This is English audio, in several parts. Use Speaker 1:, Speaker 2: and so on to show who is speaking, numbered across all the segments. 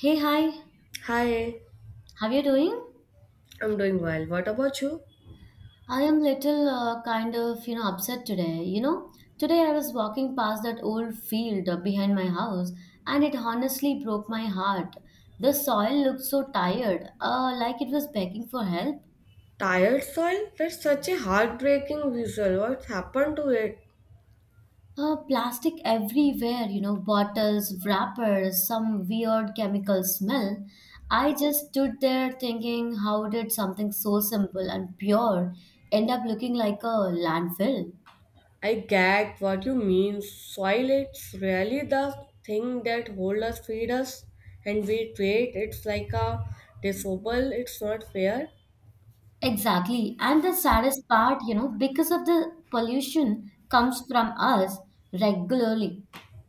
Speaker 1: Hey, hi.
Speaker 2: Hi,
Speaker 1: How you doing?
Speaker 2: I'm doing well. What about you?
Speaker 1: I am little kind of, upset today. Today I was walking past that old field behind my house and it honestly broke my heart. The soil looked so tired, like it was begging for help.
Speaker 2: Tired soil? That's such a heartbreaking visual. What happened to it?
Speaker 1: Plastic everywhere, bottles, wrappers, some weird chemical smell. I just stood there thinking, how did something so simple and pure end up looking like a landfill?
Speaker 2: I get what you mean. Soil it's really the thing that hold us, feed us, and we treat it's like a disposable. It's not fair.
Speaker 1: Exactly. And the saddest part, because of the pollution comes from us regularly.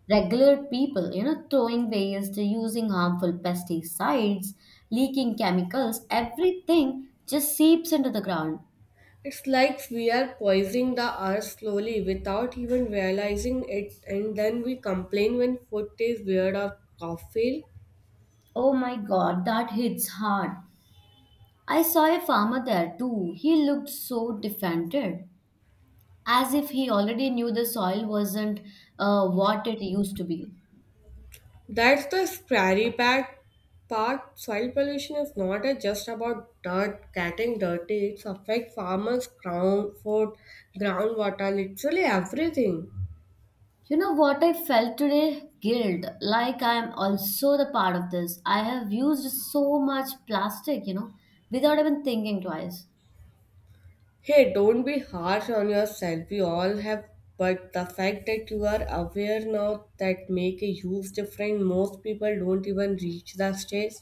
Speaker 1: Regular people, throwing waste, using harmful pesticides, leaking chemicals, everything just seeps into the ground.
Speaker 2: It's like we are poisoning the earth slowly without even realizing it and then we complain when food tastes weird or cough fail.
Speaker 1: Oh my God, that hits hard. I saw a farmer there too. He looked so defeated, as if he already knew the soil wasn't what it used to be.
Speaker 2: That's the scary part. Part soil pollution is not a- just about dirt getting dirty. It affects farmers' ground, food, groundwater, literally everything.
Speaker 1: You know what I felt today? Guilt. Like I am also the part of this. I have used so much plastic, without even thinking twice.
Speaker 2: Hey, don't be harsh on yourself. We all have, but the fact that you are aware now that make a huge difference. Most people don't even reach that stage.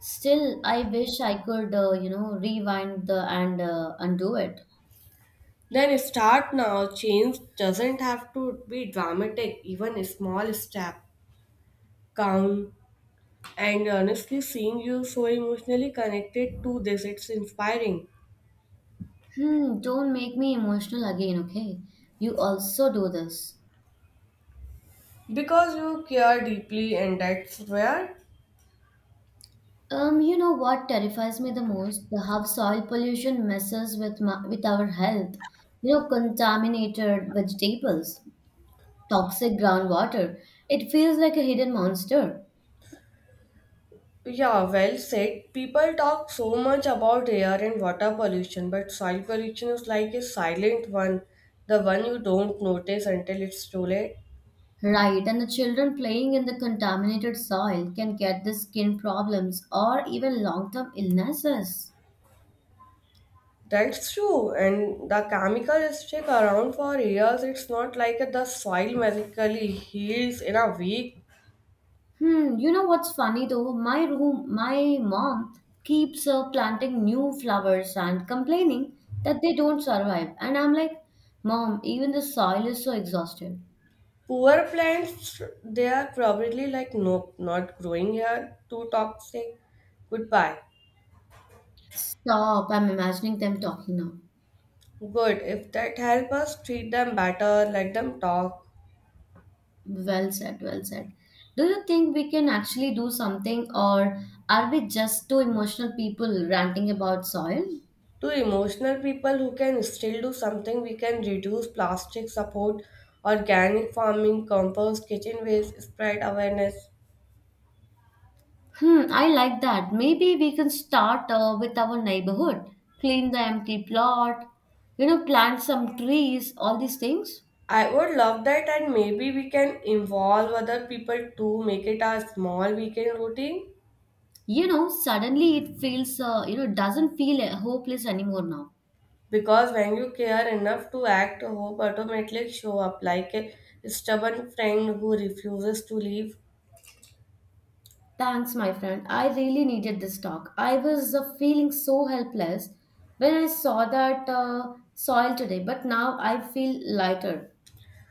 Speaker 1: Still, I wish I could, rewind the and undo it.
Speaker 2: Then start now. Change doesn't have to be dramatic. Even a small step count. And honestly, seeing you so emotionally connected to this, it's inspiring
Speaker 1: Hmm, don't make me emotional again, okay? You also do this.
Speaker 2: because you care deeply, and that's where.
Speaker 1: You know what terrifies me the most? The how soil pollution messes with with our health. Contaminated vegetables. Toxic groundwater. It feels like a hidden monster.
Speaker 2: Yeah, well said. People talk so much about air and water pollution, but soil pollution is like a silent one, the one you don't notice until it's too late.
Speaker 1: Right, and the children playing in the contaminated soil can get the skin problems or even long term illnesses.
Speaker 2: That's true, and the chemical is stick around for years. It's not like the soil magically heals in a week.
Speaker 1: Hmm, you know what's funny though? My mom keeps planting new flowers and complaining that they don't survive. And I'm like, Mom, even the soil is so exhausted.
Speaker 2: Poor plants, they are probably like, nope, not growing here, too toxic. Goodbye.
Speaker 1: Stop, I'm imagining them talking now.
Speaker 2: Good, if that help us, treat them better, let them talk.
Speaker 1: Well said, well said. Do you think we can actually do something, or are we just two emotional people ranting about soil?
Speaker 2: To emotional people who can still do something, we can reduce plastic support, organic farming, compost, kitchen waste, spread awareness.
Speaker 1: Hmm, I like that. Maybe we can start with our neighborhood, clean the empty plot, plant some trees, all these things.
Speaker 2: I would love that, and maybe we can involve other people to make it a small weekend routine.
Speaker 1: Suddenly it doesn't feel hopeless anymore now.
Speaker 2: Because when you care enough to act, hope automatically show up like a stubborn friend who refuses to leave.
Speaker 1: Thanks, my friend. I really needed this talk. I was feeling so helpless when I saw that soil today, but now I feel lighter.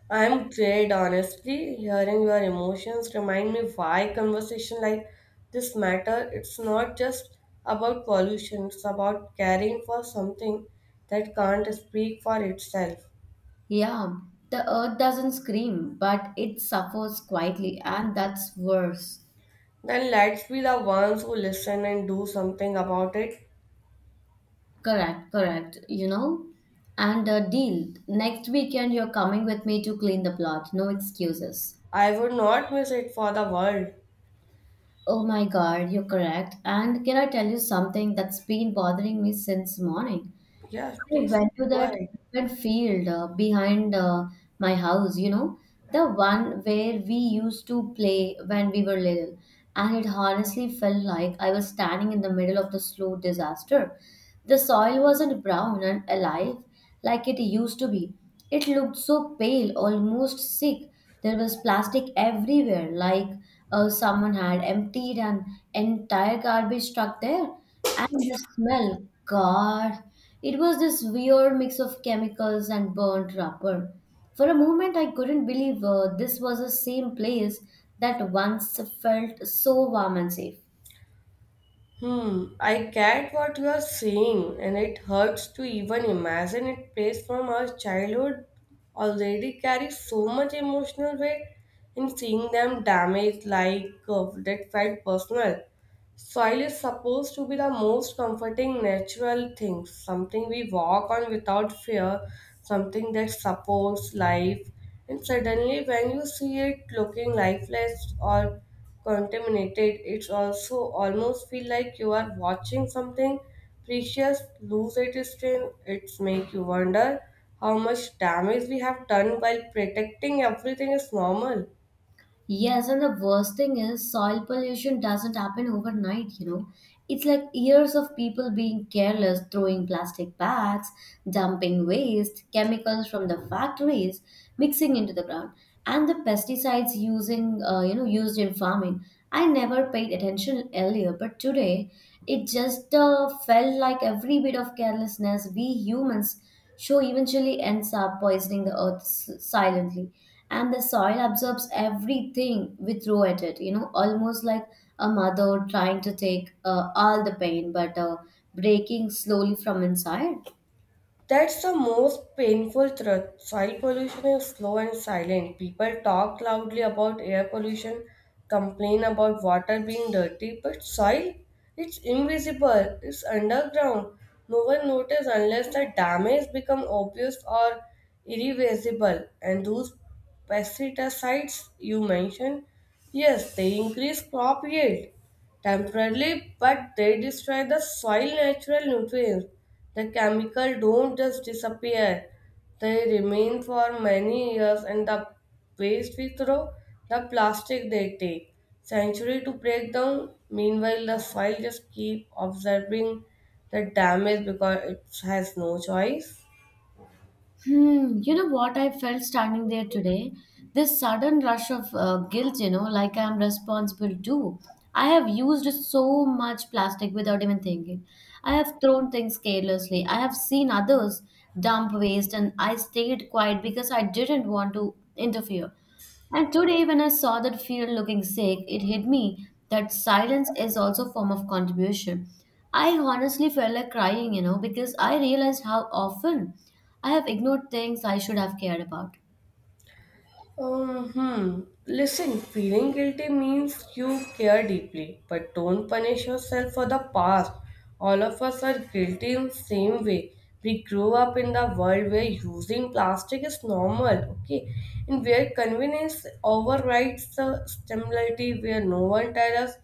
Speaker 2: I'm great, honestly. Hearing your emotions remind me why conversation like this matter. It's not just about pollution. It's about caring for something that can't speak for itself.
Speaker 1: Yeah, the earth doesn't scream, but it suffers quietly, and that's worse.
Speaker 2: Then let's be the ones who listen and do something about it.
Speaker 1: Correct, correct. You know? And deal. Next weekend, you're coming with me to clean the plot. No excuses.
Speaker 2: I would not miss it for the world.
Speaker 1: Oh my god, you're correct. And can I tell you something that's been bothering me since morning?
Speaker 2: Yeah,
Speaker 1: I
Speaker 2: please
Speaker 1: went to
Speaker 2: go
Speaker 1: that
Speaker 2: ahead.
Speaker 1: open field behind my house, the one where we used to play when we were little. And it honestly felt like I was standing in the middle of the slow disaster. The soil wasn't brown and alive, like it used to be. It looked so pale, almost sick. There was plastic everywhere, like someone had emptied an entire garbage truck there. And the smell, God, it was this weird mix of chemicals and burnt rubber. For a moment, I couldn't believe this was the same place that once felt so warm and safe.
Speaker 2: Hmm, I get what you are saying, and it hurts to even imagine it place from our childhood already carries so much emotional weight, and seeing them damaged like that felt personal. Soil is supposed to be the most comforting natural thing, something we walk on without fear, something that supports life. And suddenly, when you see it looking lifeless or contaminated, it also almost feel like you are watching something precious lose its strength. It's make you wonder how much damage we have done while protecting everything is normal.
Speaker 1: Yes, and the worst thing is soil pollution doesn't happen overnight. It's like years of people being careless, throwing plastic bags, dumping waste, chemicals from the factories, mixing into the ground, and the pesticides used in farming. I never paid attention earlier, but today it just felt like every bit of carelessness we humans show eventually ends up poisoning the earth silently, and the soil absorbs everything we throw at it, almost like a mother trying to take all the pain, but breaking slowly from inside.
Speaker 2: That's the most painful truth. Soil pollution is slow and silent. People talk loudly about air pollution, complain about water being dirty, but soil, it's invisible, it's underground. No one notices unless the damage becomes obvious or irreversible. And those pesticides you mentioned, yes, they increase crop yield temporarily, but they destroy the soil natural nutrients. The chemical don't just disappear. They remain for many years and the waste we throw, the plastic they take. Century to break down. Meanwhile the soil just keep absorbing the damage because it has no choice.
Speaker 1: Hmm, you know what I felt standing there today? This sudden rush of guilt, like I'm responsible too. I have used so much plastic without even thinking. I have thrown things carelessly. I have seen others dump waste, and I stayed quiet because I didn't want to interfere. And today, when I saw that field looking sick, it hit me that silence is also a form of contribution. I honestly felt like crying, because I realized how often I have ignored things I should have cared about.
Speaker 2: Hmm. Listen, feeling guilty means you care deeply, but don't punish yourself for the past. All of us are guilty in same way. We grew up in the world where using plastic is normal, okay, and where convenience overrides the stimulity, where no one tells us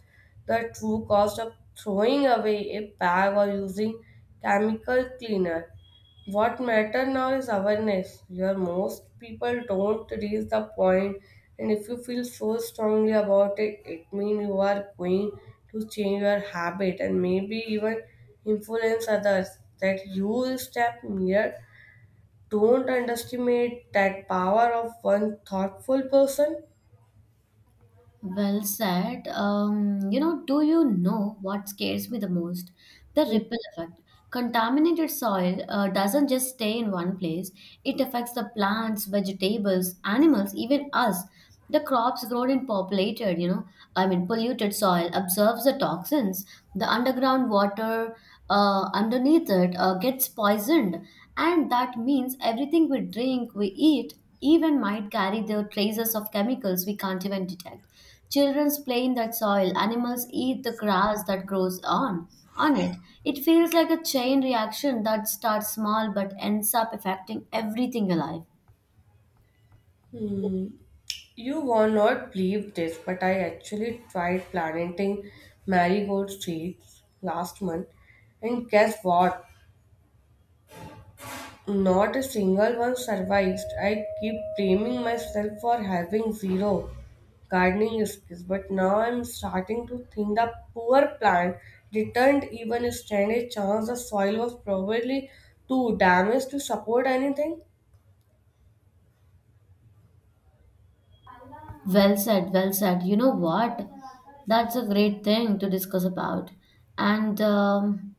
Speaker 2: the true cost of throwing away a bag or using chemical cleaner what matter now is awareness your most people don't reach the point and if you feel so strongly about it it means you are going to change your habit and maybe even influence others that you step near don't underestimate that power of one thoughtful person.
Speaker 1: Well said. Do you know what scares me the most? The ripple effect. Contaminated soil doesn't just stay in one place, it affects the plants, vegetables, animals, even us. The crops grown in populated, you know, I mean, polluted soil absorbs the toxins. The underground water underneath it gets poisoned, and that means everything we drink, we eat, even might carry the traces of chemicals we can't even detect. Children play in that soil, animals eat the grass that grows on it. It feels like a chain reaction that starts small but ends up affecting everything alive.
Speaker 2: Hmm. You will not believe this, but I actually tried planting marigold seeds last month, and guess what? Not a single one survived. I keep blaming myself for having zero gardening skills, but now I'm starting to think the poor plant didn't even stand a chance. The soil was probably too damaged to support anything.
Speaker 1: Well said, well said. You know what? That's a great thing to discuss about. And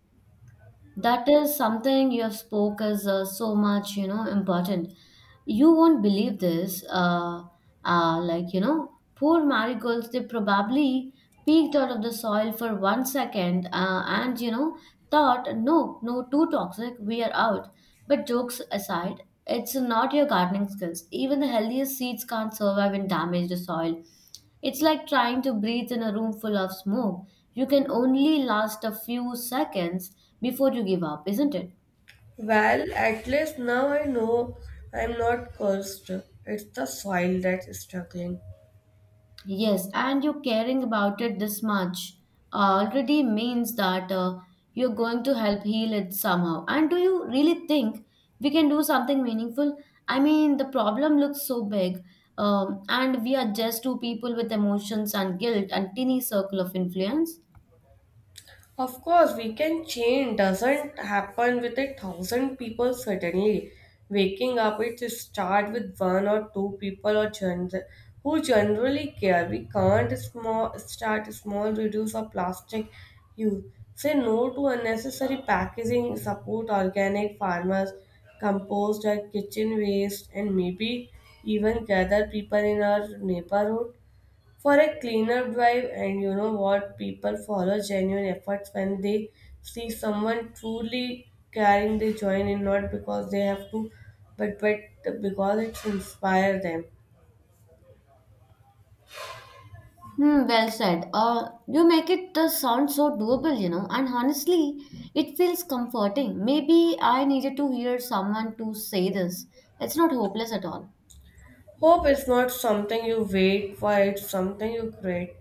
Speaker 1: that is something you have spoke as so much, important. You won't believe this. Like, poor marigolds, they probably peeked out of the soil for one second and, thought, no, no, too toxic, we are out. But jokes aside, it's not your gardening skills. Even the healthiest seeds can't survive in damaged soil. It's like trying to breathe in a room full of smoke. You can only last a few seconds before you give up, isn't it?
Speaker 2: Well, at least now I know I'm not cursed. It's the soil that's struggling.
Speaker 1: Yes, and you caring about it this much already means that you're going to help heal it somehow. And do you really think we can do something meaningful? I mean, the problem looks so big, and we are just two people with emotions and guilt and teeny circle of influence.
Speaker 2: Of course, we can change doesn't happen with a thousand people suddenly waking up. It start with one or two people or who generally care. We can't small start small, reduce our plastic use. Say no to unnecessary packaging. Support organic farmers, compost our kitchen waste, and maybe even gather people in our neighborhood for a cleaner drive and you know what people follow genuine efforts when they see someone truly caring they join in not because they have to but because it inspires them.
Speaker 1: Hmm, well said. You make it sound so doable, and honestly, it feels comforting. Maybe I needed to hear someone to say this. It's not hopeless at all.
Speaker 2: Hope is not something you wait for, it's something you create.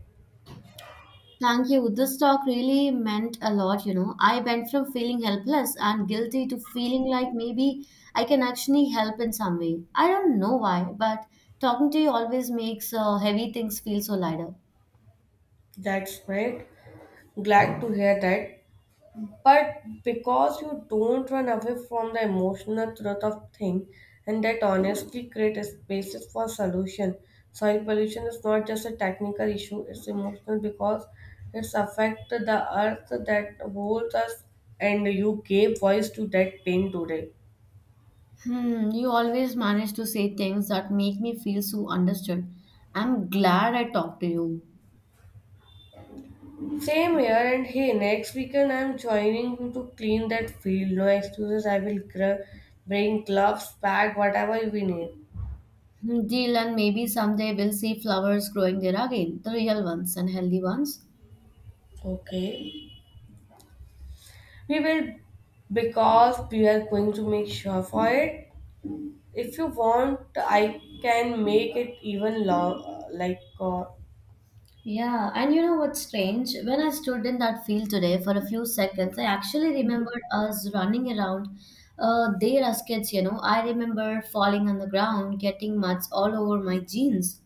Speaker 1: Thank you. This talk really meant a lot. I went from feeling helpless and guilty to feeling like maybe I can actually help in some way. I don't know why, but talking to you always makes heavy things feel so lighter.
Speaker 2: That's right, glad to hear that. But because you don't run away from the emotional truth of things and that honestly create a spaces for solution. Soil pollution is not just a technical issue, it's emotional because it's affect the earth that holds us and you gave voice to that pain today.
Speaker 1: Hmm, you always manage to say things that make me feel so understood. I'm glad I talked to you.
Speaker 2: Same here and hey, next weekend I'm joining you to clean that field. No excuses, I will bring gloves, bag, whatever we need.
Speaker 1: Hmm, deal, and maybe someday we'll see flowers growing there again, the real ones and healthy ones.
Speaker 2: Okay. We will because we are going to make sure for it. If you want, I can make it even long.
Speaker 1: Yeah, and you know what's strange? When I stood in that field today for a few seconds, I actually remembered us running around there as kids. I remember falling on the ground, getting mudds all over my jeans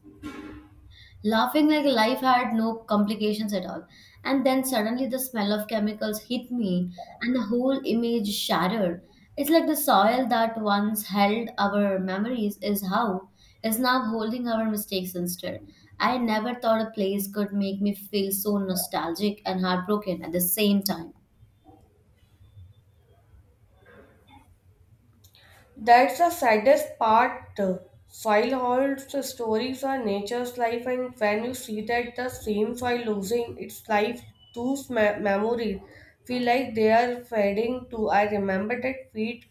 Speaker 1: laughing like life had no complications at all. And then suddenly the smell of chemicals hit me, and the whole image shattered. It's like the soil that once held our memories is now holding our mistakes instead. I never thought a place could make me feel so nostalgic and heartbroken at the same time.
Speaker 2: That's the saddest part. Soil holds the stories of nature's life, and when you see that the same soil losing its life, those memories feel like they are fading too. I remember that feet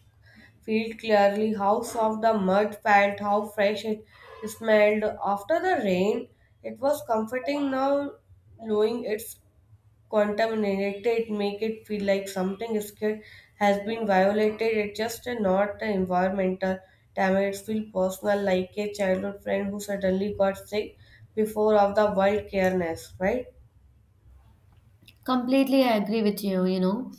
Speaker 2: feel clearly how soft the mud felt, how fresh it smelled. After the rain, it was comforting now knowing it's contaminated, make it feel like something scared has been violated. It's just a, not an environmental damage. It feels personal like a childhood friend who suddenly got sick before of the wild careness, right?
Speaker 1: Completely, I agree with you, you know.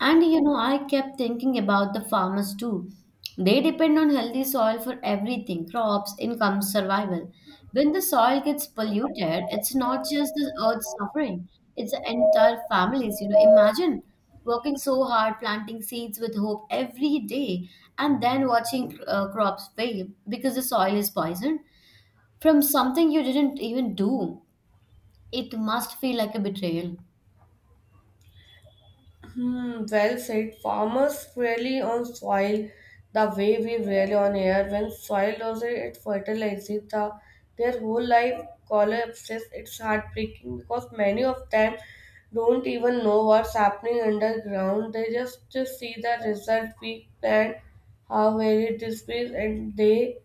Speaker 1: And I kept thinking about the farmers too. They depend on healthy soil for everything, crops, income, survival. When the soil gets polluted, it's not just the earth suffering, it's the entire families. Imagine working so hard, planting seeds with hope every day, and then watching crops fail because the soil is poisoned from something you didn't even do. It must feel like a betrayal.
Speaker 2: Hmm, well said. Farmers rely on soil the way we rely on air. When soil loses its fertilizer, their whole life collapses. It's heartbreaking because many of them don't even know what's happening underground. They just see the result we plant, how varied this is, and they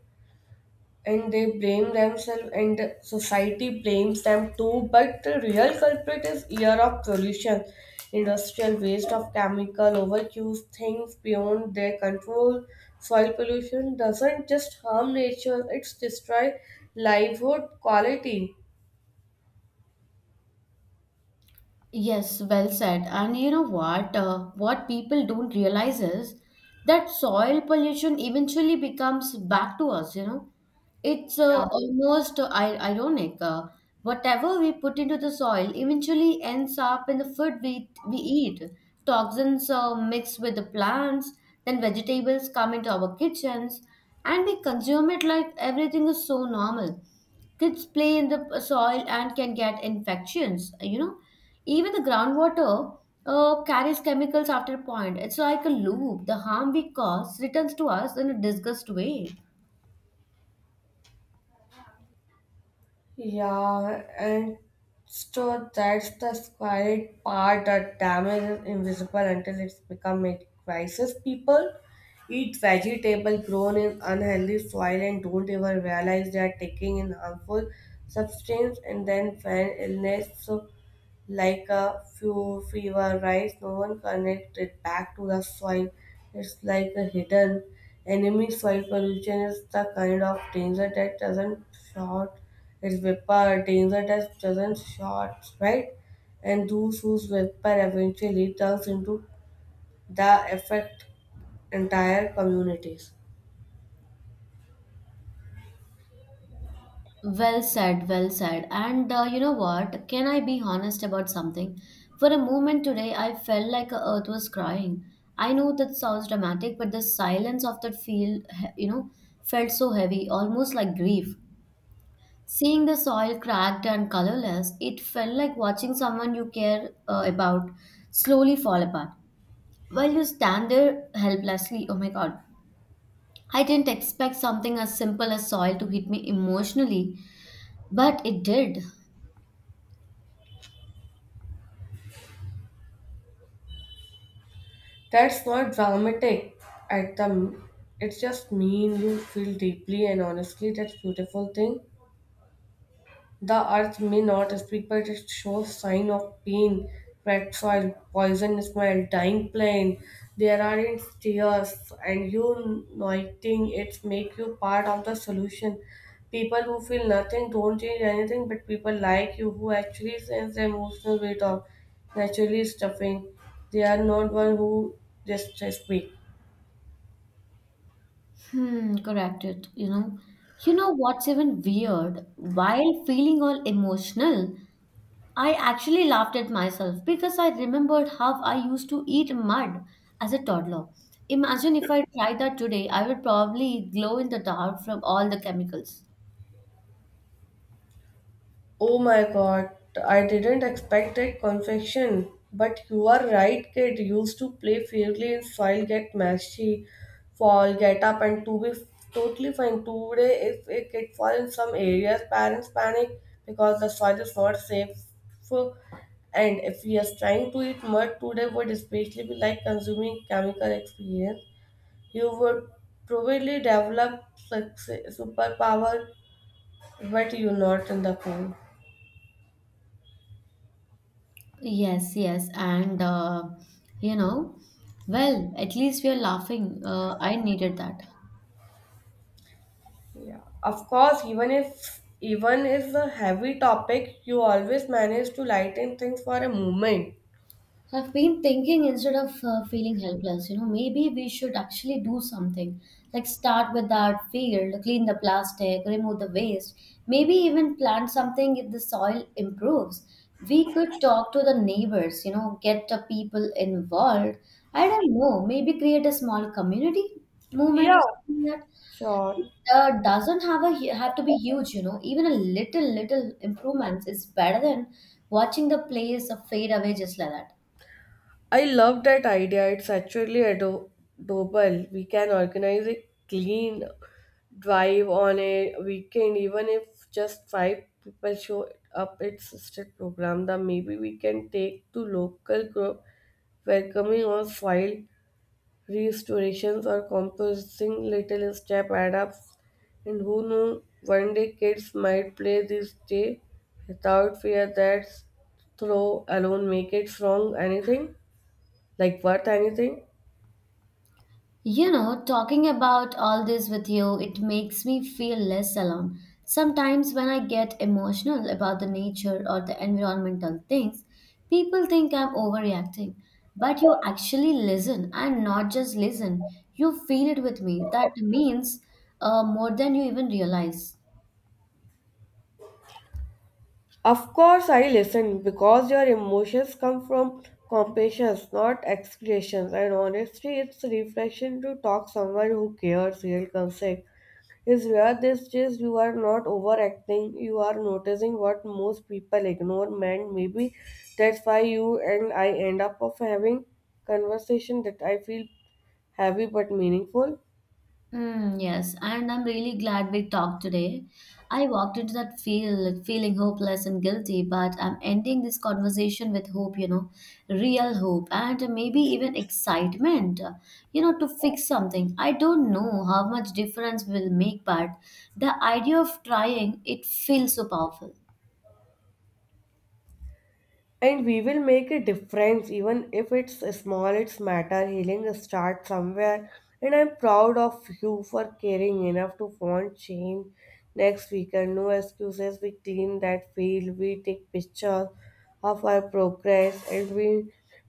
Speaker 2: and they blame themselves and the society blames them too but the real culprit is year of pollution industrial waste of chemical overuse things beyond their control soil pollution doesn't just harm nature it's destroy livelihood quality.
Speaker 1: Yes, well said. And you know what? What people don't realize is that soil pollution eventually becomes back to us. It's
Speaker 2: Yeah.
Speaker 1: almost ironic. Whatever we put into the soil eventually ends up in the food we eat. Toxins mix with the plants, then vegetables come into our kitchens, and we consume it like everything is so normal. Kids play in the soil and can get infections. Even the groundwater carries chemicals after a point. It's like a loop, the harm we cause returns to us in a disgust way.
Speaker 2: Yeah, and so that's the scary part. The damage is invisible until it's become a crisis. People eat vegetable grown in unhealthy soil and don't even realize they are taking in harmful substance and then find illness. So like a few fever rise, no one connects it back to the soil. It's like a hidden enemy. Soil pollution is the kind of danger that doesn't short its vapor, danger that doesn't short, right? And those whose vapor eventually turns into the affect entire communities.
Speaker 1: Well said, well said. And you know what, can I be honest about something? For a moment today, I felt like the earth was crying. I know that sounds dramatic, but the silence of that field felt so heavy, almost like grief. Seeing the soil cracked and colorless, it felt like watching someone you care about slowly fall apart while you stand there helplessly. Oh my god. I didn't expect something as simple as soil to hit me emotionally, but it did.
Speaker 2: That's not dramatic at the it's just mean you feel deeply and honestly that's beautiful thing. The earth may not speak, but it shows sign of pain, red soil, poison smell, dying plant. There are its tears, and you noting it make you part of the solution. People who feel nothing don't change anything, but people like you who actually sense the emotional weight of naturally stuffing. They are not one who just speak.
Speaker 1: Hmm, corrected. You know what's even weird? While feeling all emotional, I actually laughed at myself because I remembered how I used to eat mud as a toddler. Imagine if I tried that today, I would probably glow in the dark from all the chemicals.
Speaker 2: Oh my god, I didn't expect that confection. But you are right, kid. Used to play fairly and soil, get messy, fall, get up, and to be totally fine. Today, if a kid fall in some areas, parents panic because the soil is not safe. And if we are trying to eat mud today, would especially be like consuming chemical experience. You would probably develop success, superpower, but you're not in the pool.
Speaker 1: Yes, yes, and you know, well, at least we are laughing. I needed that.
Speaker 2: Yeah, of course, even if a heavy topic, you always manage to lighten things for a moment.
Speaker 1: I've been thinking instead of feeling helpless, maybe we should actually do something. Like start with that field, clean the plastic, remove the waste, maybe even plant something if the soil improves. We could talk to the neighbors, get the people involved. I don't know, maybe create a small community movement or
Speaker 2: Yeah,
Speaker 1: something like
Speaker 2: sure.
Speaker 1: that doesn't have to be huge, Even a little improvements is better than watching the place fade away just like that.
Speaker 2: I love that idea. It's actually doable. We can organize a clean drive on a weekend, even if just five people show up. It's still program. That maybe we can take to local group welcoming on file Restorations or composing little step add ups, and who knew one day kids might play this day without fear that throw alone make it strong anything like worth anything.
Speaker 1: You know, talking about all this with you, it makes me feel less alone. Sometimes when I get emotional about the nature or the environmental things, people think I'm overreacting. But you actually listen and not just listen, you feel it with me. That means more than you even realize.
Speaker 2: Of course, I listen because your emotions come from compassions, not execrations, and honestly, it's refreshing to talk someone who cares real concern is rare these days. You are not overacting, you are noticing what most people ignore, man, maybe that's why you and I end up of having conversation that I feel heavy but meaningful.
Speaker 1: Mm, yes, and I'm really glad we talked today. I walked into that field feeling hopeless and guilty, but I'm ending this conversation with hope, you know, real hope and maybe even excitement, you know, to fix something. I don't know how much difference will make, but the idea of trying it feels so powerful.
Speaker 2: And we will make a difference. Even if it's small, it's matter. Healing starts somewhere, and I'm proud of you for caring enough to want change. Next weekend, no excuses. We clean that field, we take pictures of our progress, and we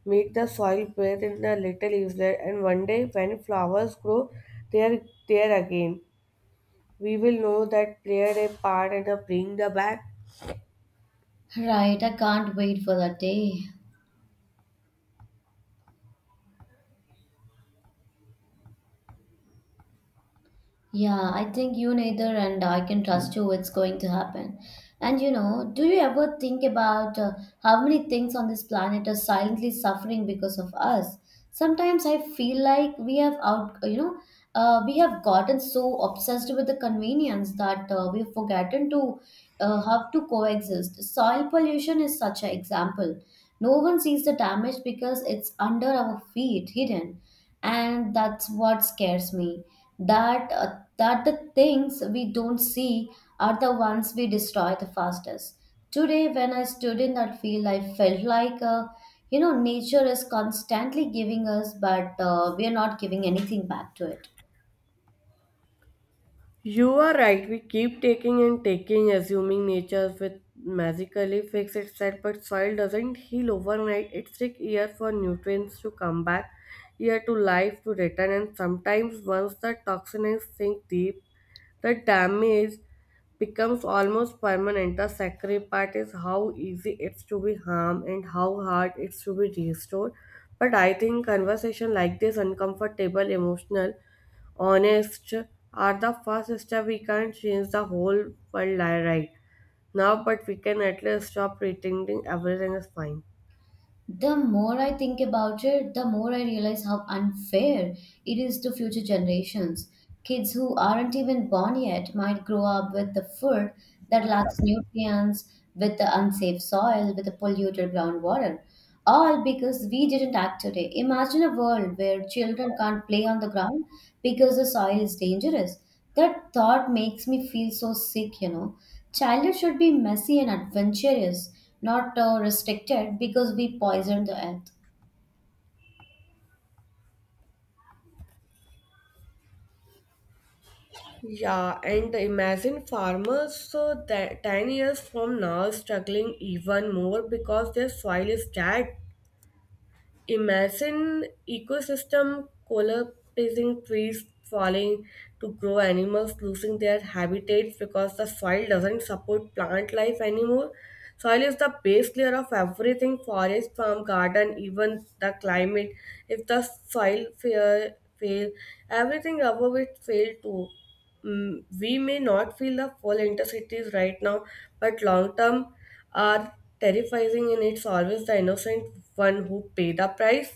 Speaker 2: make the soil breathe in the little islet. And one day when flowers grow, they are there again, we will know that played a part and bring the back.
Speaker 1: Right, I can't wait for that day. Yeah, I think you neither, and I can trust you, it's going to happen. And you know, do you ever think about how many things on this planet are silently suffering because of us? Sometimes I feel like we have out, we have gotten so obsessed with the convenience that we've forgotten to have to coexist. Soil pollution is such an example. No one sees the damage because it's under our feet, hidden, and that's what scares me that that the things we don't see are the ones we destroy the fastest today. When I stood in that field, I felt like you know, nature is constantly giving us, but we are not giving anything back to it.
Speaker 2: You are right. We keep taking and taking, assuming nature will magically fix itself, but soil doesn't heal overnight. It takes years for nutrients to come back, year to life to return, and sometimes once the toxins sink deep, the damage becomes almost permanent. The scary part is how easy it's to be harmed and how hard it's to be restored. But I think conversation like this, uncomfortable, emotional, honest, are the first step. We can't change the whole right now, but we can at least stop pretending everything is fine.
Speaker 1: The more I think about it, the more I realize how unfair it is to future generations. Kids who aren't even born yet might grow up with the food that lacks nutrients, with the unsafe soil, with the polluted groundwater. All because we didn't act today. Imagine a world where children can't play on the ground because the soil is dangerous. That thought makes me feel so sick, Childhood should be messy and adventurous, not restricted because we poison the earth.
Speaker 2: Yeah, and imagine farmers that 10 years from now struggling even more because their soil is dead. Imagine ecosystem collapsing, trees falling to grow, animals losing their habitats because the soil doesn't support plant life anymore. Soil is the base layer of everything: forest, farm, garden, even the climate. If the fail, everything above it fail too. We may not feel the full intensities right now, but long term are terrifying, and it's always the innocent one who pay the price.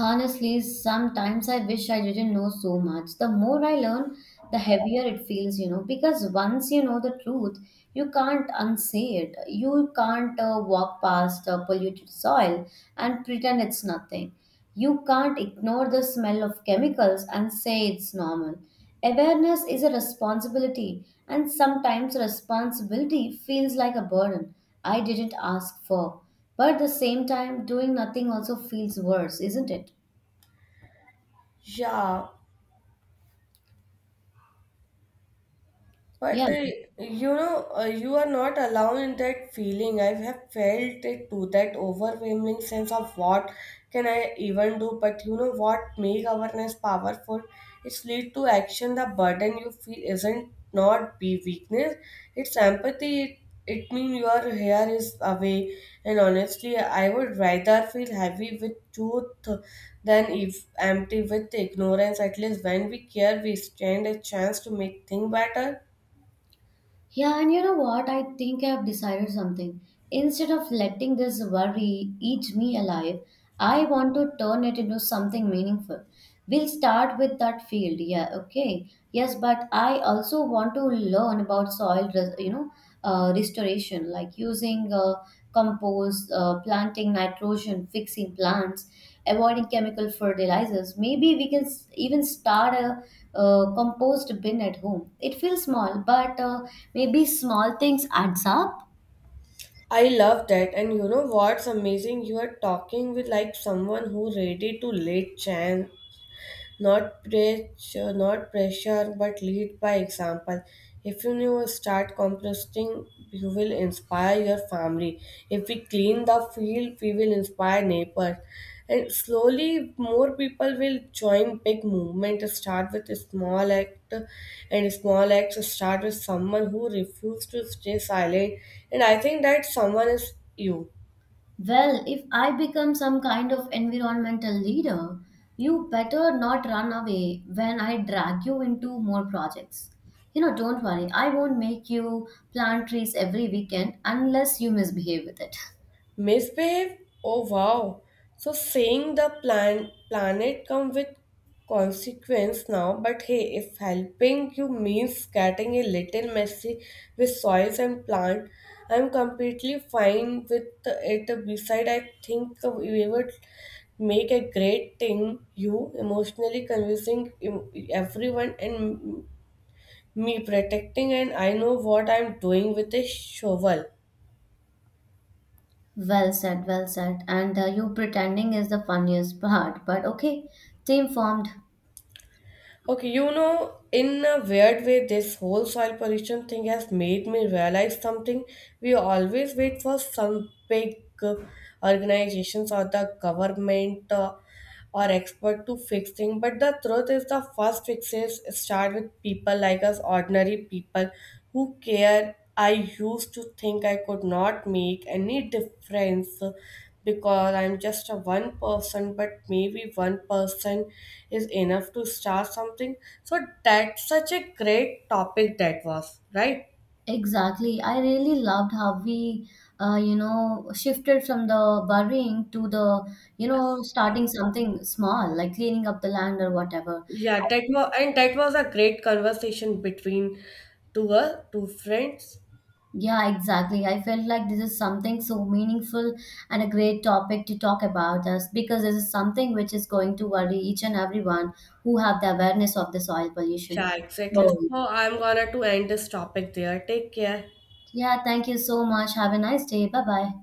Speaker 1: Honestly, sometimes I wish I didn't know so much. The more I learn, the heavier it feels, you know, because once you know the truth, you can't unsay it. You can't walk past polluted soil and pretend it's nothing. You can't ignore the smell of chemicals and say it's normal. Awareness is a responsibility, and sometimes responsibility feels like a burden I didn't ask for. But at the same time, doing nothing also feels worse, isn't it?
Speaker 2: Yeah.
Speaker 1: Yeah.
Speaker 2: But uh, you are not alone in that feeling. I have felt it too, that overwhelming sense of what can I even do. But you know what make awareness powerful? It's lead to action. The burden you feel isn't not be weakness. It's empathy. It means your hair is away. And honestly, I would rather feel heavy with truth than if empty with ignorance. At least when we care, we stand a chance to make things better.
Speaker 1: Yeah, and you know what? I think I've decided something. Instead of letting this worry eat me alive, I want to turn it into something meaningful. We'll start with that field. Yeah, okay. Yes, but I also want to learn about soil, you know, restoration, like using compost, planting nitrogen, fixing plants, avoiding chemical fertilizers. Maybe we can even start a, compost bin at home. It feels small, but maybe small things adds up.
Speaker 2: I love that. And you know what's amazing? You are talking with like someone who ready to late chance, not preach, not pressure, but lead by example. If you know, start composting, you will inspire your family. If we clean the field, we will inspire neighbors. And slowly, more people will join big movement. Start with a small act, and small acts start with someone who refuses to stay silent. And I think that someone is you.
Speaker 1: Well, if I become some kind of environmental leader, you better not run away when I drag you into more projects. You know, don't worry, I won't make you plant trees every weekend unless you misbehave with it.
Speaker 2: Misbehave? Oh wow. So saying the planet come with consequence now. But hey, if helping you means getting a little messy with soils and plant, I'm completely fine with it. Beside, I think we would make a great thing, you emotionally convincing everyone and me protecting, and I know what I'm doing with a shovel.
Speaker 1: Well said, well said. And you pretending is the funniest part, but okay, team formed.
Speaker 2: Okay, you know, in a weird way, this whole soil pollution thing has made me realize something. We always wait for some big uh, organizations or the government or expert to fix things. But the truth is, the first fixes start with people like us, ordinary people who care. I used to think I could not make any difference because I'm just a one person, but maybe one person is enough to start something. So that's such a great topic that was, right?
Speaker 1: Exactly. I really loved how we, you know, shifted from the burying to the, you know, starting something small, like cleaning up the land or whatever.
Speaker 2: Yeah,
Speaker 1: I
Speaker 2: that
Speaker 1: think-
Speaker 2: was, and that was a great conversation between two friends.
Speaker 1: Yeah, exactly. I felt like this is something so meaningful and a great topic to talk about us because this is something which is going to worry each and everyone who have the awareness of the soil pollution.
Speaker 2: Yeah, exactly. So
Speaker 1: So,
Speaker 2: I'm gonna to end this topic there. Take care.
Speaker 1: yeah, thank you so much. Have a nice day. Bye bye.